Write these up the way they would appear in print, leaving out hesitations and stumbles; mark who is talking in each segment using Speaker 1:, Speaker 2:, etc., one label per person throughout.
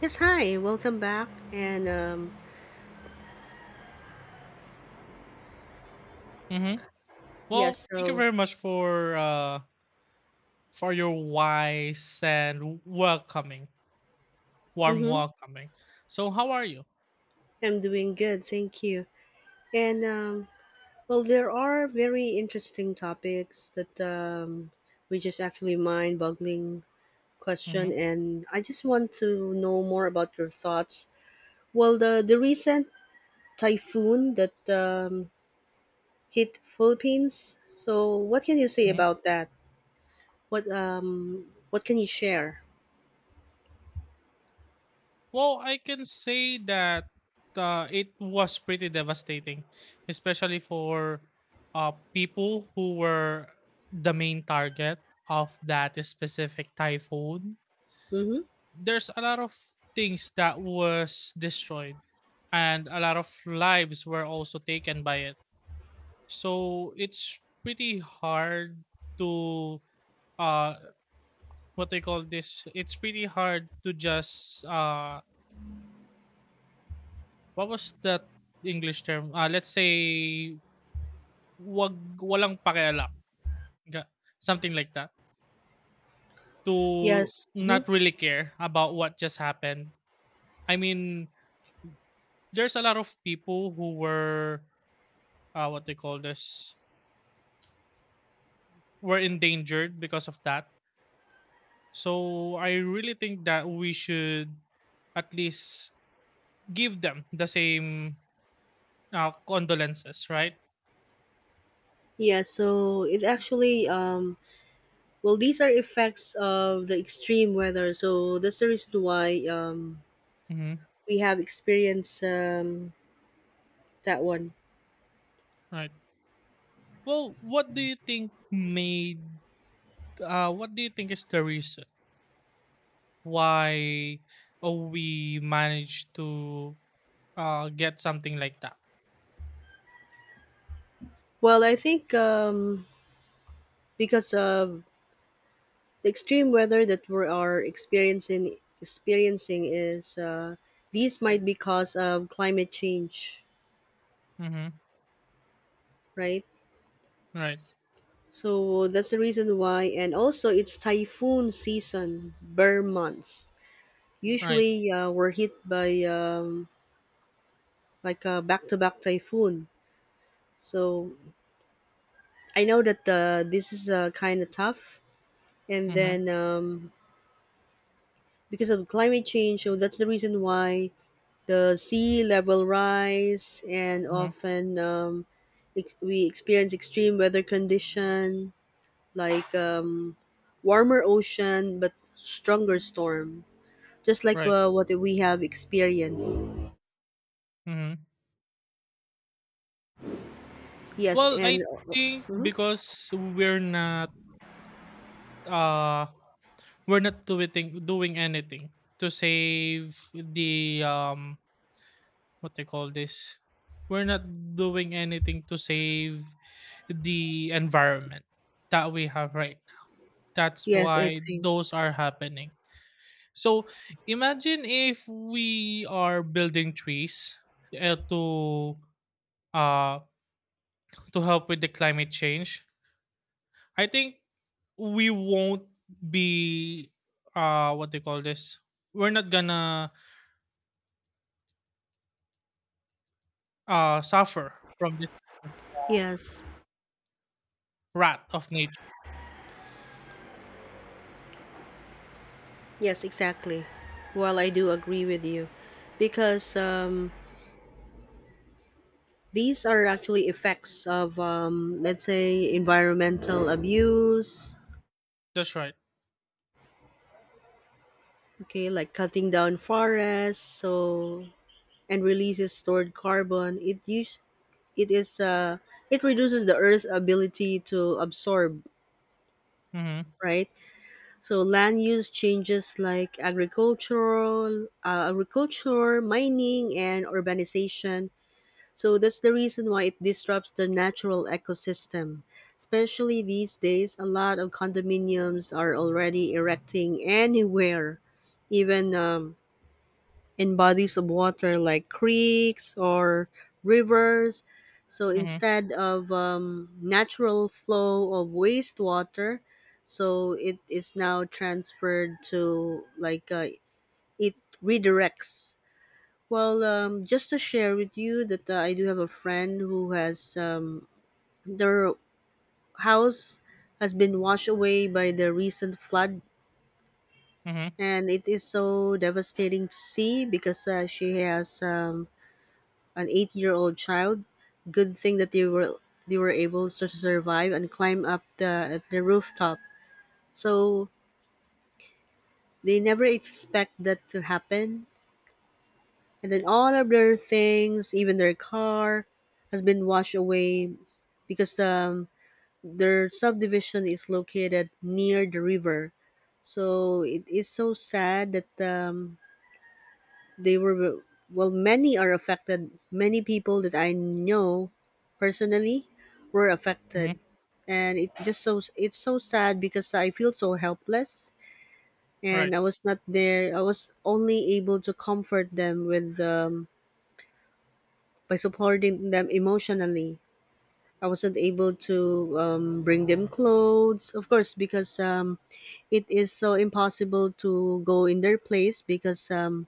Speaker 1: Yes, hi, welcome back. And
Speaker 2: Mm-hmm. Well,
Speaker 1: yes,
Speaker 2: thank you
Speaker 1: so
Speaker 2: very much for your wise and welcoming, warm
Speaker 1: mm-hmm,
Speaker 2: welcoming. So, how are you?
Speaker 1: I'm doing good, thank you. And well, there are very interesting topics that which is actually mind-boggling question,
Speaker 2: Mm-hmm.
Speaker 1: and I just want to know more about your thoughts. Well, the recent typhoon that hit Philippines. So, what can you say
Speaker 2: Mm-hmm.
Speaker 1: about that? What can you share?
Speaker 2: Well, I can say that it was pretty devastating, especially for people who were the main target of that specific typhoon.
Speaker 1: Mm-hmm.
Speaker 2: There's a lot of things that was destroyed, and a lot of lives were also taken by it. So it's pretty hard to uh what they call this. It's pretty hard to just what was that English term? Let's say wag walang pakialam. Ga- Something like that. To
Speaker 1: Yes. Mhm.
Speaker 2: not really care about what just happened. I mean, there's a lot of people who were what they call this were endangered because of that. So I really think that we should at least give them the same condolences, right?
Speaker 1: Yeah, so it actually well these are effects of the extreme weather. So that's the reason why
Speaker 2: Hmm.
Speaker 1: we have experienced that one.
Speaker 2: Right. Well, what do you think made? What do you think is the reason why we managed to get something like that?
Speaker 1: Well, I think because of the extreme weather that we are experiencing is these might be cause of climate change,
Speaker 2: Mm-hmm.
Speaker 1: right?
Speaker 2: Right.
Speaker 1: So that's the reason why, and also it's typhoon season, bear months.
Speaker 2: Right.
Speaker 1: Usually we're hit by like a back-to-back typhoon. So I know that this is kind of tough, and
Speaker 2: Mm-hmm.
Speaker 1: then because of climate change, so that's the reason why the sea level rise, and
Speaker 2: Mm-hmm.
Speaker 1: often we experience extreme weather condition like warmer ocean but stronger storm, just like
Speaker 2: Right.
Speaker 1: what we have experienced.
Speaker 2: Mhm.
Speaker 1: Yes,
Speaker 2: Well,
Speaker 1: and
Speaker 2: I think because uh we're not doing anything to save the what they call this. We're not doing anything to save the environment that we have right now. That's
Speaker 1: yes, I
Speaker 2: why
Speaker 1: think
Speaker 2: those are happening. So imagine if we are building trees uh, to uh to help with the climate change. I think we won't be what they call this, we're not gonna suffer from this kind of
Speaker 1: yes.
Speaker 2: wrath of nature.
Speaker 1: Yes, exactly. Well, I do agree with you because these are actually effects of, let's say, environmental abuse,
Speaker 2: That's right.
Speaker 1: okay, like cutting down forests, so and releases stored carbon. It use it is it reduces the Earth's ability to absorb,
Speaker 2: Mm-hmm.
Speaker 1: right? So land use changes like agriculture, mining, and urbanization. So that's the reason why it disrupts the natural ecosystem. Especially these days, a lot of condominiums are already erecting anywhere, even in bodies of water like creeks or rivers. So
Speaker 2: Mm-hmm.
Speaker 1: instead of natural flow of wastewater, so it is now transferred to like it redirects well, just to share with you that I do have a friend who has their house has been washed away by the recent flood,
Speaker 2: Mm-hmm.
Speaker 1: and it is so devastating to see because she has an eight-year-old child. Good thing that they were able to survive and climb up the rooftop. So they never expect that to happen, and then all of their things, even their car, has been washed away because their subdivision is located near the river. So it is so sad that they were, well, many are affected. Many people that I know personally were
Speaker 2: Mm-hmm.
Speaker 1: affected. And it just so, it's so sad because I feel so helpless
Speaker 2: Right.
Speaker 1: and I was not there. I was only able to comfort them with, by supporting them emotionally. I wasn't able to bring them clothes, of course, because it is so impossible to go in their place because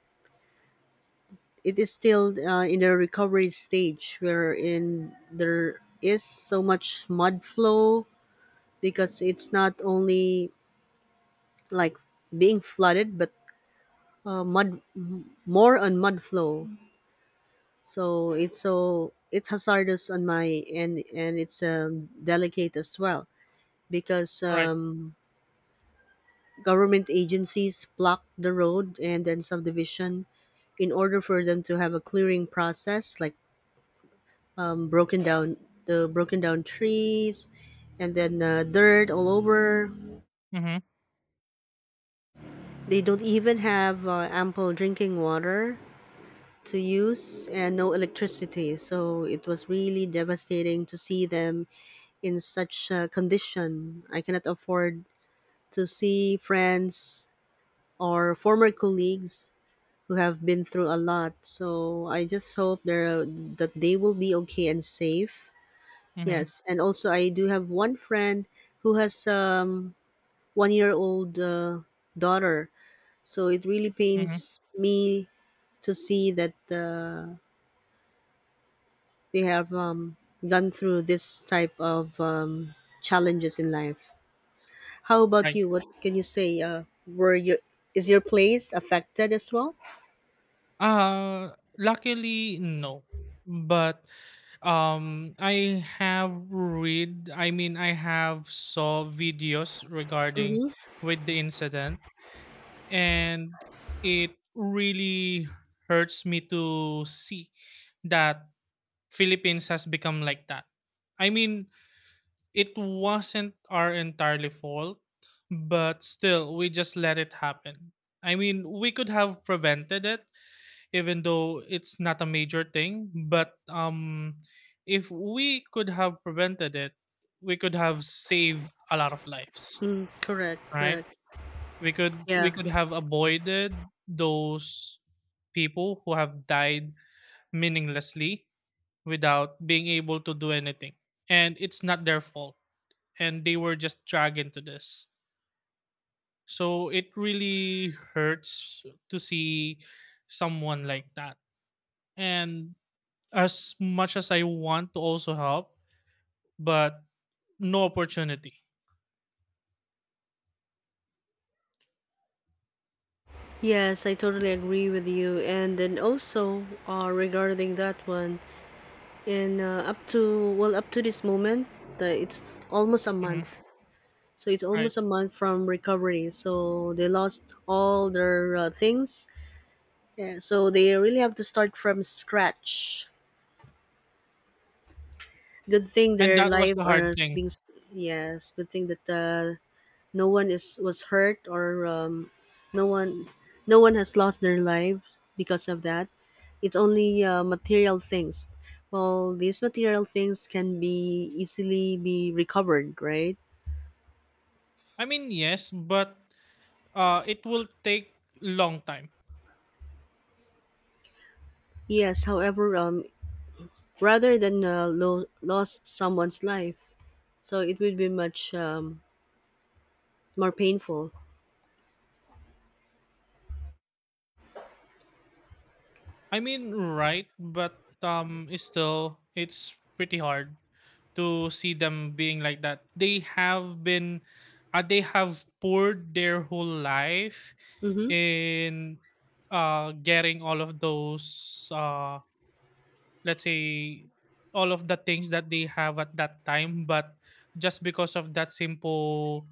Speaker 1: it is still in the recovery stage wherein there is so much mud flow because it's not only like being flooded but mud, more on mud flow. So it's hazardous on my end, and it's delicate as well because
Speaker 2: Right.
Speaker 1: government agencies block the road and then subdivision in order for them to have a clearing process, like broken down the broken down trees, and then dirt all over.
Speaker 2: Mm-hmm.
Speaker 1: They don't even have ample drinking water to use and no electricity. So it was really devastating to see them in such a condition. I cannot afford to see friends or former colleagues who have been through a lot. So I just hope that they will be okay and safe.
Speaker 2: Mm-hmm.
Speaker 1: Yes, and also I do have one friend who has 1 year old daughter. So it really
Speaker 2: Mm-hmm.
Speaker 1: pains me to see that they have gone through this type of challenges in life. How about
Speaker 2: Right.
Speaker 1: you? What can you say? Were your is your place affected as well?
Speaker 2: uh Luckily no, but I have read, I mean I have saw videos regarding
Speaker 1: Mm-hmm.
Speaker 2: with the incident, and it really hurts me to see that Philippines has become like that. I mean, it wasn't our entirely fault, but still we just let it happen. I mean, we could have prevented it even though it's not a major thing, but if we could have prevented it, we could have saved a lot of lives,
Speaker 1: Mm, correct,
Speaker 2: right?
Speaker 1: correct.
Speaker 2: We could we
Speaker 1: Yeah.
Speaker 2: could have avoided those people who have died meaninglessly without being able to do anything. And it's not their fault. And they were just dragged into this. So it really hurts to see someone like that. And as much as I want to also help, but no opportunity.
Speaker 1: Yes, I totally agree with you. And then also regarding that one, and up to well, up to this moment, it's almost a
Speaker 2: Hmm.
Speaker 1: month. So it's
Speaker 2: Right.
Speaker 1: almost a month from recovery. So they lost all their things. Yeah, so they really have to start from scratch. Good thing
Speaker 2: And
Speaker 1: their
Speaker 2: that was
Speaker 1: life
Speaker 2: the
Speaker 1: are
Speaker 2: hard
Speaker 1: s-
Speaker 2: thing.
Speaker 1: being s- yes. Good thing that no one is was hurt or no one no one has lost their life because of that. It's only material things. Well, these material things can be easily be recovered, right?
Speaker 2: I mean, yes, but it will take long time.
Speaker 1: Yes, however, rather than lost someone's life, so it would be much more painful.
Speaker 2: I mean, right, but it's still it's pretty hard to see them being like that. They have been, they have poured their whole life
Speaker 1: Mm-hmm.
Speaker 2: in getting all of those, let's say, all of the things that they have at that time. But just because of that simple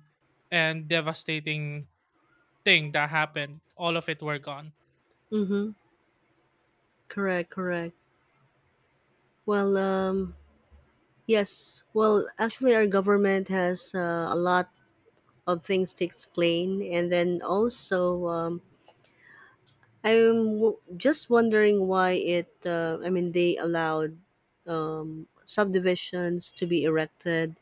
Speaker 2: and devastating thing that happened, all of it were gone.
Speaker 1: Mm-hmm. Correct, correct. Well, yes. Well, actually, our government has a lot of things to explain, and then also just wondering why it I mean they allowed subdivisions to be erected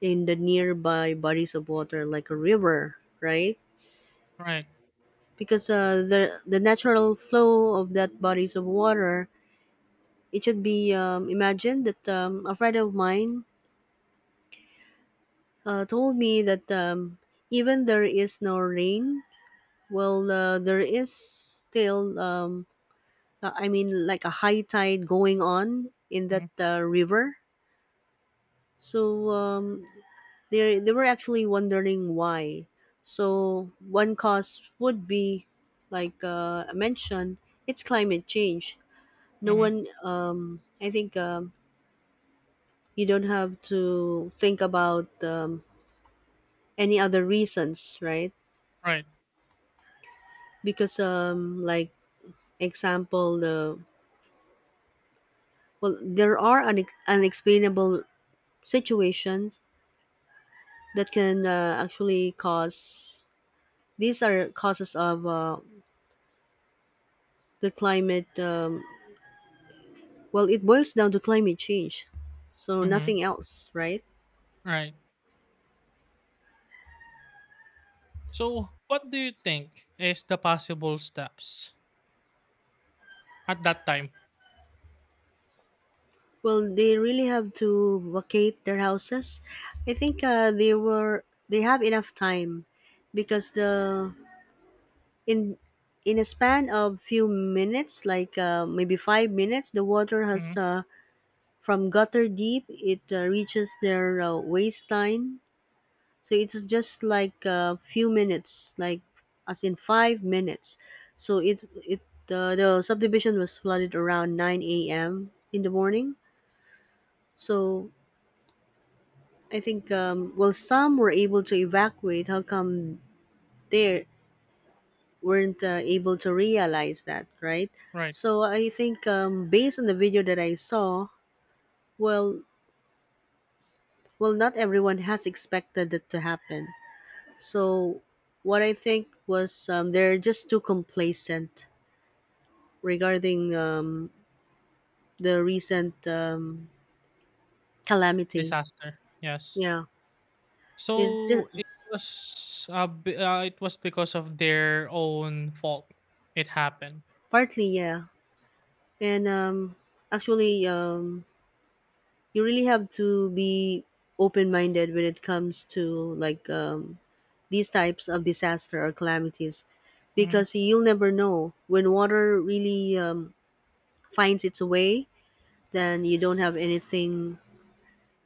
Speaker 1: in the nearby bodies of water like a river, right?
Speaker 2: Right.
Speaker 1: Because the natural flow of that bodies of water, it should be imagined that a friend of mine told me that even there is no rain, well there is still I mean, like a high tide going on in that
Speaker 2: Mm-hmm.
Speaker 1: river. So they were actually wondering why. So one cause would be, like I mentioned, it's climate change. No
Speaker 2: Mm-hmm.
Speaker 1: one, I think, you don't have to think about any other reasons, right?
Speaker 2: Right.
Speaker 1: Because, like example, the well, there are unexplainable situations that can actually cause, these are causes of the climate well it boils down to climate change, so
Speaker 2: Mm-hmm.
Speaker 1: nothing else, right?
Speaker 2: Right. So, what do you think is the possible steps at that time?
Speaker 1: Well they really have to vacate their houses. I think they have enough time because the in in a span of few minutes, like maybe 5 minutes the water has
Speaker 2: Mhm.
Speaker 1: from gutter deep it reaches their waistline. So it's just like a few minutes, like as in 5 minutes. So it the subdivision was flooded around 9 a.m. in the morning. So I think, well some were able to evacuate. How come they weren't able to realize that, right?
Speaker 2: Right.
Speaker 1: So I think based on the video that I saw, well, well not everyone has expected that to happen. So what I think was they're just too complacent regarding the recent calamity.
Speaker 2: Disaster. Yes.
Speaker 1: Yeah, it's just
Speaker 2: So it was it was because of their own fault it happened.
Speaker 1: partly, yeah, and actually, you really have to be open-minded when it comes to like these types of disaster or calamities,
Speaker 2: Mhm.
Speaker 1: because you'll never know when water really finds its way. Then you don't have anything.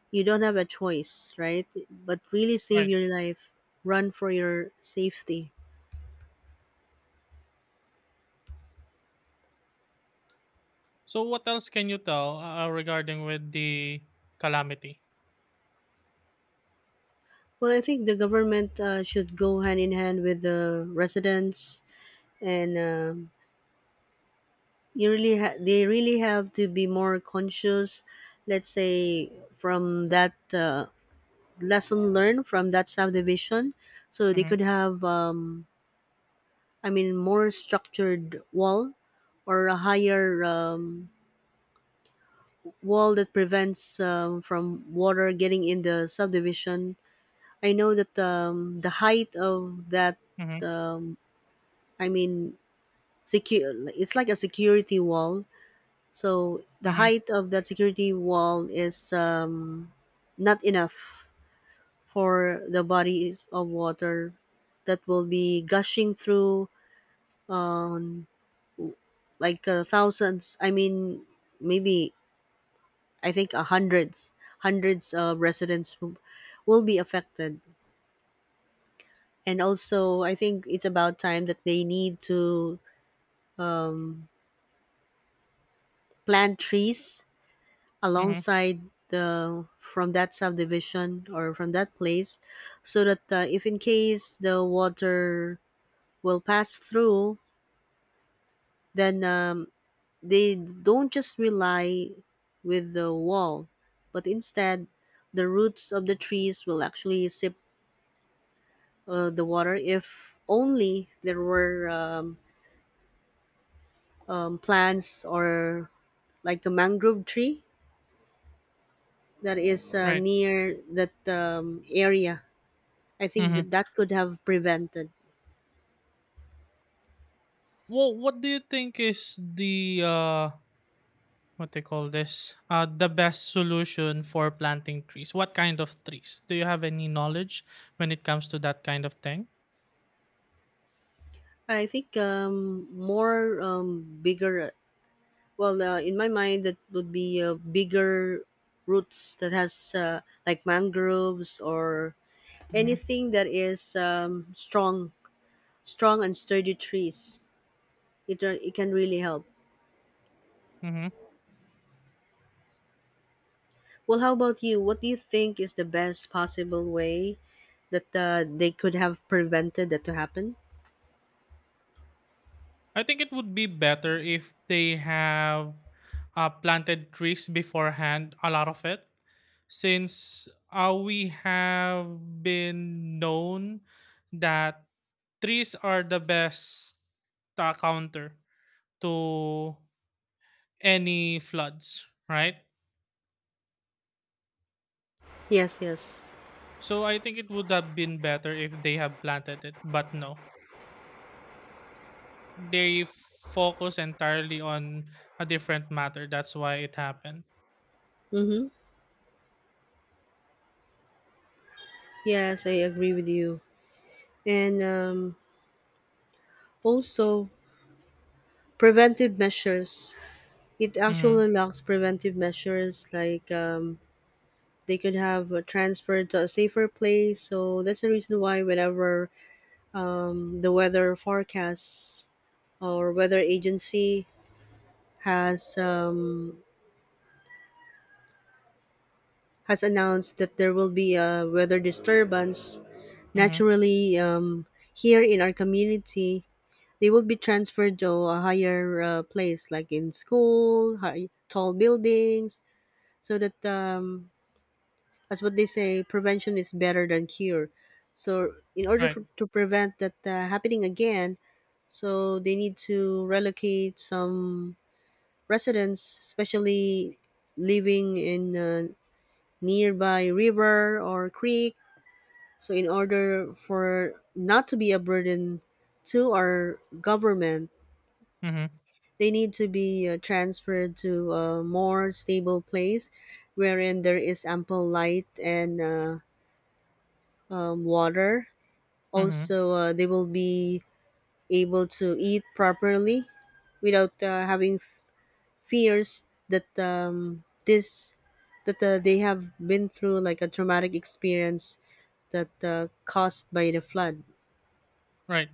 Speaker 1: You don't have a choice, right? But really save
Speaker 2: Right.
Speaker 1: your life. Run for your safety.
Speaker 2: So what else can you tell regarding with the calamity?
Speaker 1: Well, I think the government should go hand in hand with the residents, and they really have to be more conscious. Let's say from that lesson learned from that subdivision, so they
Speaker 2: Mhm.
Speaker 1: could have, I mean, more structured wall or a higher wall that prevents from water getting in the subdivision. I know that the height of that,
Speaker 2: Mhm.
Speaker 1: um, I mean, secure it's like a security wall, so the
Speaker 2: Mhm.
Speaker 1: height of that security wall is not enough for the bodies of water that will be gushing through, um, like thousands, I mean, maybe, I think hundreds, hundreds of residents will be affected. And also I think it's about time that they need to um, plant trees
Speaker 2: Mhm.
Speaker 1: alongside the from that subdivision or from that place, so that if in case the water will pass through, then they don't just rely with the wall, but instead the roots of the trees will actually sip the water. If only there were plants or like a mangrove tree that is
Speaker 2: Right.
Speaker 1: near that area, I think
Speaker 2: Mhm.
Speaker 1: that that could have prevented.
Speaker 2: Well, what do you think is the what they call this, the best solution for planting trees? What kind of trees? Do you have any knowledge when it comes to that kind of thing?
Speaker 1: I think more bigger. Well, in my mind, that would be bigger roots that has like mangroves or
Speaker 2: Hmm.
Speaker 1: anything that is strong, strong and sturdy trees. It it can really help. Well, how about you? What do you think is the best possible way that they could have prevented that to happen?
Speaker 2: I think it would be better if they have planted trees beforehand, a lot of it, since we have been known that trees are the best counter to any floods, right?
Speaker 1: Yes, yes.
Speaker 2: So I think it would have been better if they have planted it, but no. They focus entirely on a different matter. That's why it happened.
Speaker 1: Mm-hmm. Yes, I agree with you. And also, preventive measures. It
Speaker 2: Mm-hmm.
Speaker 1: actually lacks preventive measures like they could have transferred to a safer place. So that's the reason why whenever the weather forecasts or weather agency has um, has announced that there will be a weather disturbance,
Speaker 2: Mm-hmm.
Speaker 1: naturally here in our community they will be transferred to a higher place like in school high, tall buildings so that as what they say prevention is better than cure, so in order
Speaker 2: Right.
Speaker 1: for, to prevent that happening again, so they need to relocate some residents especially living in a nearby river or creek, so in order for not to be a burden to our government
Speaker 2: Mm-hmm.
Speaker 1: they need to be transferred to a more stable place wherein there is ample light and water.
Speaker 2: Mm-hmm.
Speaker 1: Also, they will be able to eat properly without having fears that this that they have been through like a traumatic experience that caused by the flood.
Speaker 2: Right.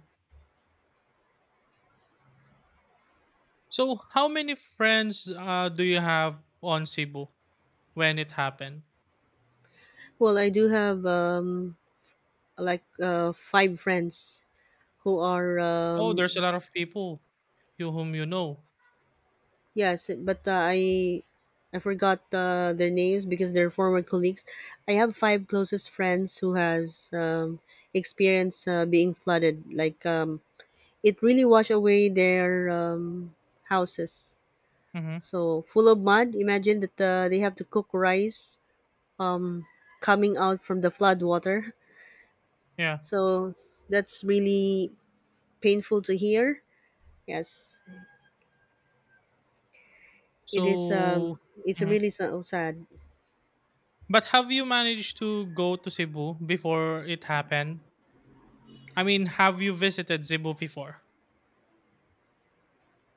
Speaker 2: So, how many friends do you have on Cebu when it happened?
Speaker 1: Well, I do have five friends who are
Speaker 2: Oh, there's a lot of people you whom you know.
Speaker 1: yes, but I forgot their names because they're former colleagues. I have five closest friends who has experienced being flooded. It really washed away their houses.
Speaker 2: Mm-hmm.
Speaker 1: So full of mud. Imagine that they have to cook rice um, coming out from the flood water.
Speaker 2: Yeah.
Speaker 1: So that's really painful to hear. Yes, it is.
Speaker 2: So,
Speaker 1: It's
Speaker 2: mhm.
Speaker 1: really so sad.
Speaker 2: But have you managed to go to Cebu before it happened? I mean, have you visited Cebu before?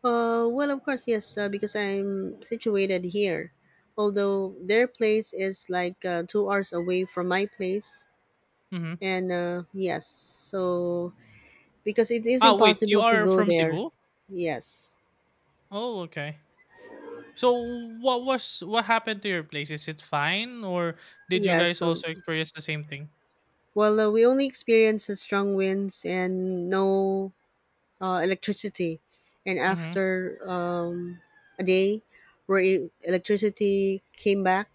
Speaker 1: Well, of course, yes, because I'm situated here. Although their place is like 2 hours away from my place.
Speaker 2: Mm-hmm.
Speaker 1: And yes, so because it is
Speaker 2: Ah, wait. You
Speaker 1: impossible to
Speaker 2: are
Speaker 1: go
Speaker 2: from
Speaker 1: there.
Speaker 2: Cebu?
Speaker 1: Yes.
Speaker 2: Oh, okay. So, what was what happened to your place? Is it fine, or did you
Speaker 1: Yes.
Speaker 2: guys
Speaker 1: So,
Speaker 2: also experience the same thing?
Speaker 1: well, we only experienced the strong winds and no electricity. And
Speaker 2: Mm-hmm.
Speaker 1: after a day where electricity came back,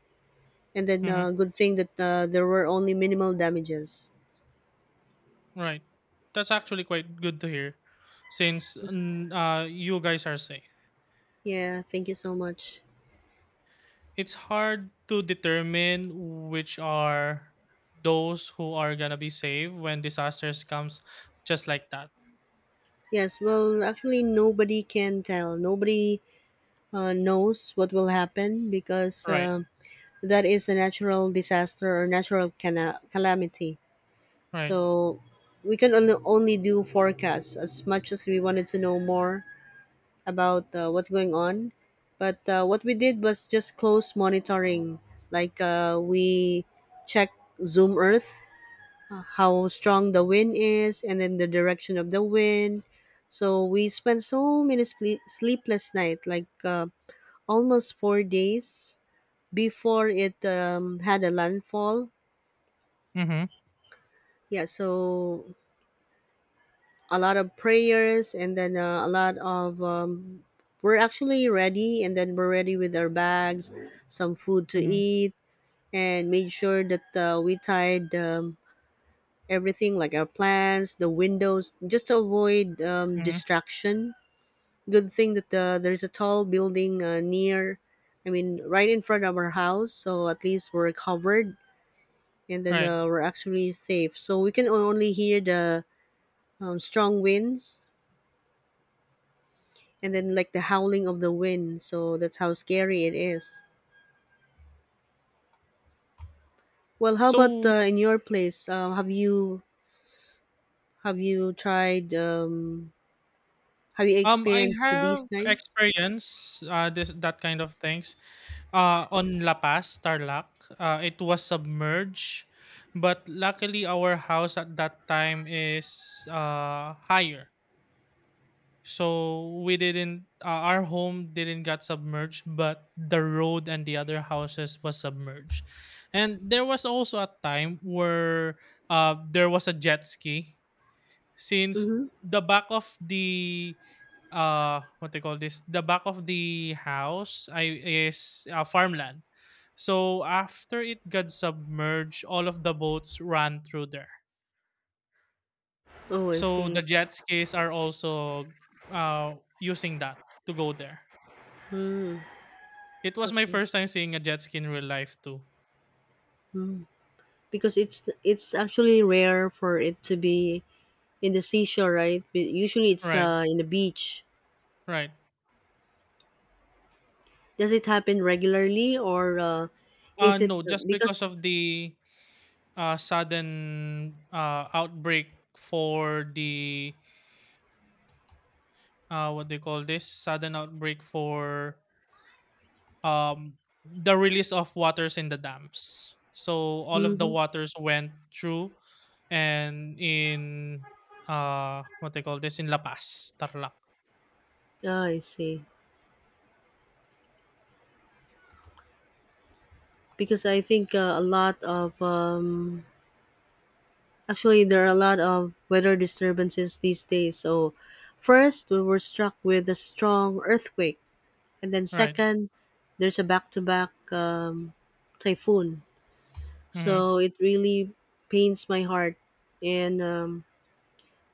Speaker 1: and then
Speaker 2: Mm-hmm.
Speaker 1: good thing that there were only minimal damages.
Speaker 2: Right. That's actually quite good to hear since you guys are safe.
Speaker 1: Yeah, thank you so much.
Speaker 2: It's hard to determine which are those who are gonna be saved when disasters comes just like that.
Speaker 1: Yes, well, actually, nobody can tell. Nobody knows what will happen because
Speaker 2: Right.
Speaker 1: that is a natural disaster or natural calamity.
Speaker 2: Right.
Speaker 1: So we can only, only do forecasts as much as we wanted to know more about what's going on. But what we did was just close monitoring. Like we checked Zoom Earth, how strong the wind is and then the direction of the wind, so we spent so many sleepless night like almost 4 days before it had a landfall.
Speaker 2: Mhm.
Speaker 1: Yeah, so a lot of prayers and then a lot of we're actually ready and then we're ready with our bags, some food to
Speaker 2: Mhm.
Speaker 1: eat, and made sure that we tied everything like our plants, the windows, just to avoid
Speaker 2: Mhm.
Speaker 1: distraction. Good thing that there's a tall building I mean, right in front of our house, so at least we're covered, and then
Speaker 2: Right.
Speaker 1: we're actually safe. So we can only hear the strong winds and then like the howling of the wind. So that's how scary it is. Well, how about
Speaker 2: So
Speaker 1: in your place? Have you tried? Have you
Speaker 2: I
Speaker 1: experienced these
Speaker 2: have
Speaker 1: kind?
Speaker 2: experience this that kind of things on La Paz, Tarlac. It was submerged, but luckily our house at that time is higher, so we didn't. Our home didn't got submerged, but the road and the other houses was submerged, and there was also a time where there was a jet ski since
Speaker 1: Mm-hmm.
Speaker 2: the back of the, what they call this, the back of the house I is farmland. So after it got submerged, all of the boats ran through there.
Speaker 1: Oh, I
Speaker 2: So the
Speaker 1: see.
Speaker 2: jet skis are also using that to go there.
Speaker 1: Mm,
Speaker 2: It was my
Speaker 1: okay.
Speaker 2: first time seeing a jet ski in real life too.
Speaker 1: Mm. Because it's actually rare for it to be in the seashore, right? But usually it's
Speaker 2: Right,
Speaker 1: in the beach.
Speaker 2: right.
Speaker 1: Does it happen regularly or is it
Speaker 2: No, just because
Speaker 1: because
Speaker 2: of the sudden outbreak for the what do you call this, sudden outbreak for um, the release of waters in the dams. So all of the
Speaker 1: hmm
Speaker 2: waters went through, and in what they call this, in La Paz, Tarlac,
Speaker 1: I see. Because I think a lot of actually there are a lot of weather disturbances these days. So first we were struck with a strong earthquake, and then
Speaker 2: right?
Speaker 1: second there's a back-to-back typhoon.
Speaker 2: Hmm.
Speaker 1: So it really pains my heart, and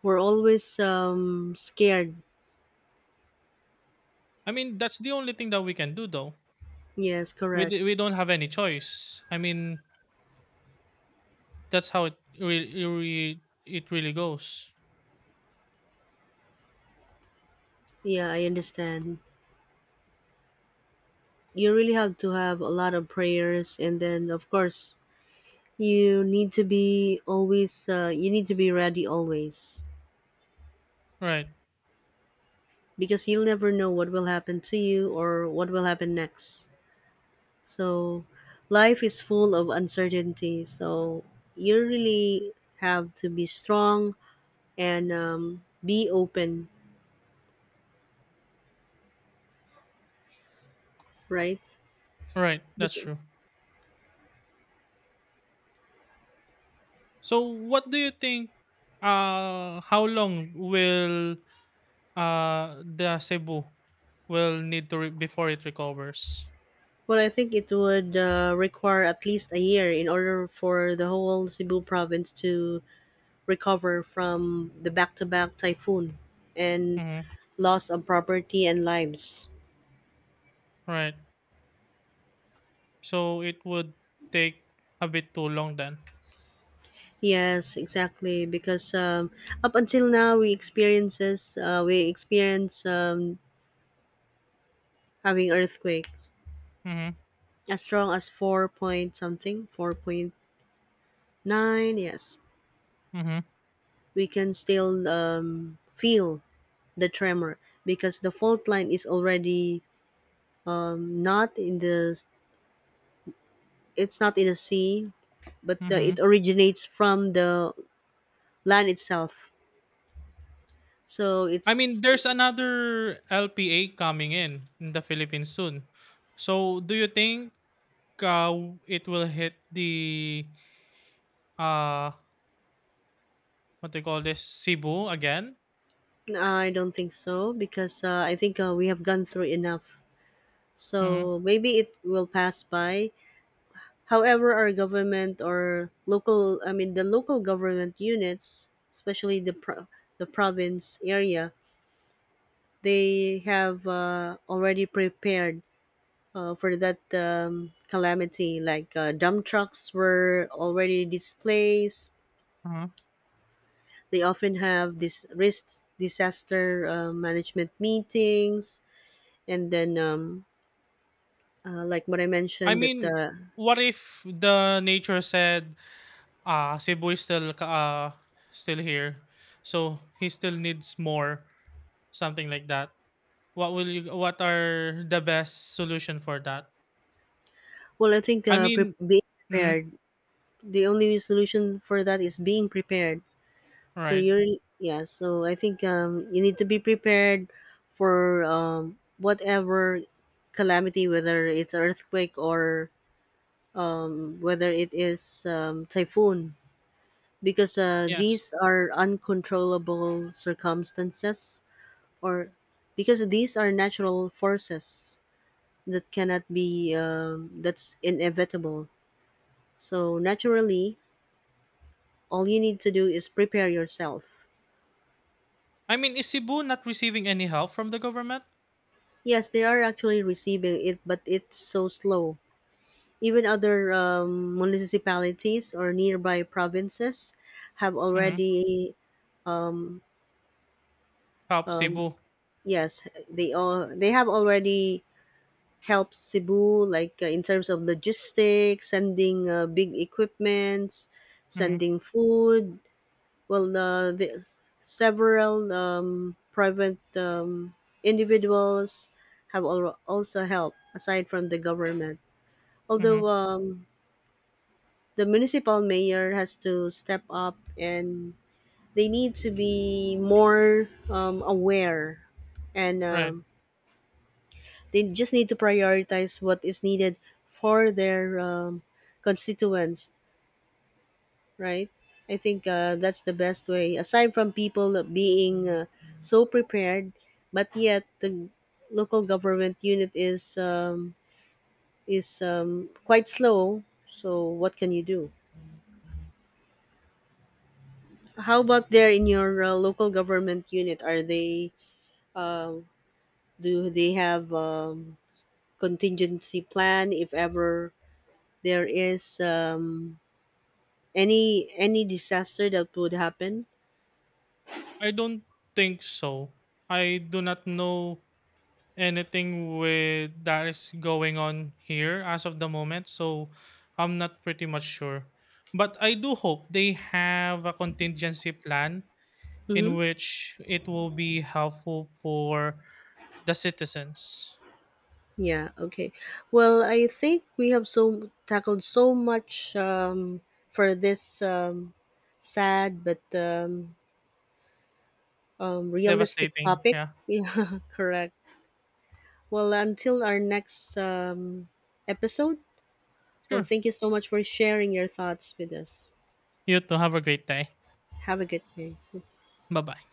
Speaker 1: we're always scared.
Speaker 2: I mean that's the only thing that we can do though.
Speaker 1: Yes, correct.
Speaker 2: We don't have any choice. I mean that's how it really goes,
Speaker 1: Yeah, I understand. You really have to have a lot of prayers, and then of course you need to be always you need to be ready always,
Speaker 2: right?
Speaker 1: because you'll never know what will happen to you or what will happen next. So life is full of uncertainty, so you really have to be strong and be open, right?
Speaker 2: Right, that's
Speaker 1: Bec-
Speaker 2: true. So what do you think? How long will the Cebu will need to before it recovers.
Speaker 1: well, I think it would require at least a year in order for the whole Cebu province to recover from the back to back typhoon and
Speaker 2: Mm-hmm.
Speaker 1: loss of property and lives.
Speaker 2: Right. So it would take a bit too long then.
Speaker 1: Yes, exactly. Because up until now, we experience having earthquakes
Speaker 2: Mm-hmm.
Speaker 1: as strong as four point something, 4.9. Yes,
Speaker 2: Mm-hmm.
Speaker 1: we can still feel the tremor because the fault line is already not in the it's not in the sea, but it
Speaker 2: Mm-hmm.
Speaker 1: originates from the land itself, so
Speaker 2: I mean,
Speaker 1: it's
Speaker 2: there's another LPA coming in the Philippines soon. So do you think uh, it will hit the uh what they call this, Cebu again?
Speaker 1: I don't think so because I think we have gone through enough,
Speaker 2: Mm-hmm.
Speaker 1: so maybe it will pass by. However, our government or local, I mean the local government units, especially the the province area, they have already prepared for that calamity. Like dump trucks were already displaced.
Speaker 2: Uh-huh.
Speaker 1: They often have this risk disaster management meetings, and then like what I
Speaker 2: I
Speaker 1: mentioned that
Speaker 2: mean, what if the nature said Cebu is still still here. So he still needs more, something like that. What will you, what are the best solution for that?
Speaker 1: well, I think
Speaker 2: I mean,
Speaker 1: being
Speaker 2: mhm,
Speaker 1: prepared. The only solution for that is being prepared. So
Speaker 2: right.
Speaker 1: you're yeah. So I think you need to be prepared for whatever calamity, whether it's earthquake or whether it is typhoon, because
Speaker 2: Yes.
Speaker 1: these are uncontrollable circumstances, or because these are natural forces that cannot be that's inevitable. So naturally, all you need to do is prepare yourself.
Speaker 2: I mean, is Cebu not receiving any help from the government?
Speaker 1: Yes, they are actually receiving it, but it's so slow. Even other municipalities or nearby provinces have
Speaker 2: Mhm.
Speaker 1: already,
Speaker 2: Help Cebu.
Speaker 1: yes, they all they have already help Cebu, like in terms of logistics, sending big equipments,
Speaker 2: Mhm.
Speaker 1: sending food. Well, the several private individuals have also helped aside from the government. Although
Speaker 2: Mhm.
Speaker 1: the municipal mayor has to step up, and they need to be more aware and
Speaker 2: Right.
Speaker 1: they just need to prioritize what is needed for their constituents, right? I think that's the best way. Aside from people being so prepared, but yet the local government unit is quite slow. So what can you do? How about there in your local government unit? Are they uh, do they have contingency plan if ever there is any disaster that would happen.
Speaker 2: I don't think so. I do not know anything with that is going on here as of the moment, so I'm not pretty much sure, but I do hope they have a contingency plan
Speaker 1: Mm-hmm.
Speaker 2: in which it will be helpful for the citizens.
Speaker 1: Yeah, okay. Well, I think we have so tackled so much for this sad but realistic
Speaker 2: Devastating,
Speaker 1: topic
Speaker 2: yeah.
Speaker 1: yeah, correct. Well, until our next episode. Well,
Speaker 2: Sure.
Speaker 1: thank you so much for sharing your thoughts with us.
Speaker 2: You too, have a great day.
Speaker 1: Have a good day.
Speaker 2: Bye bye.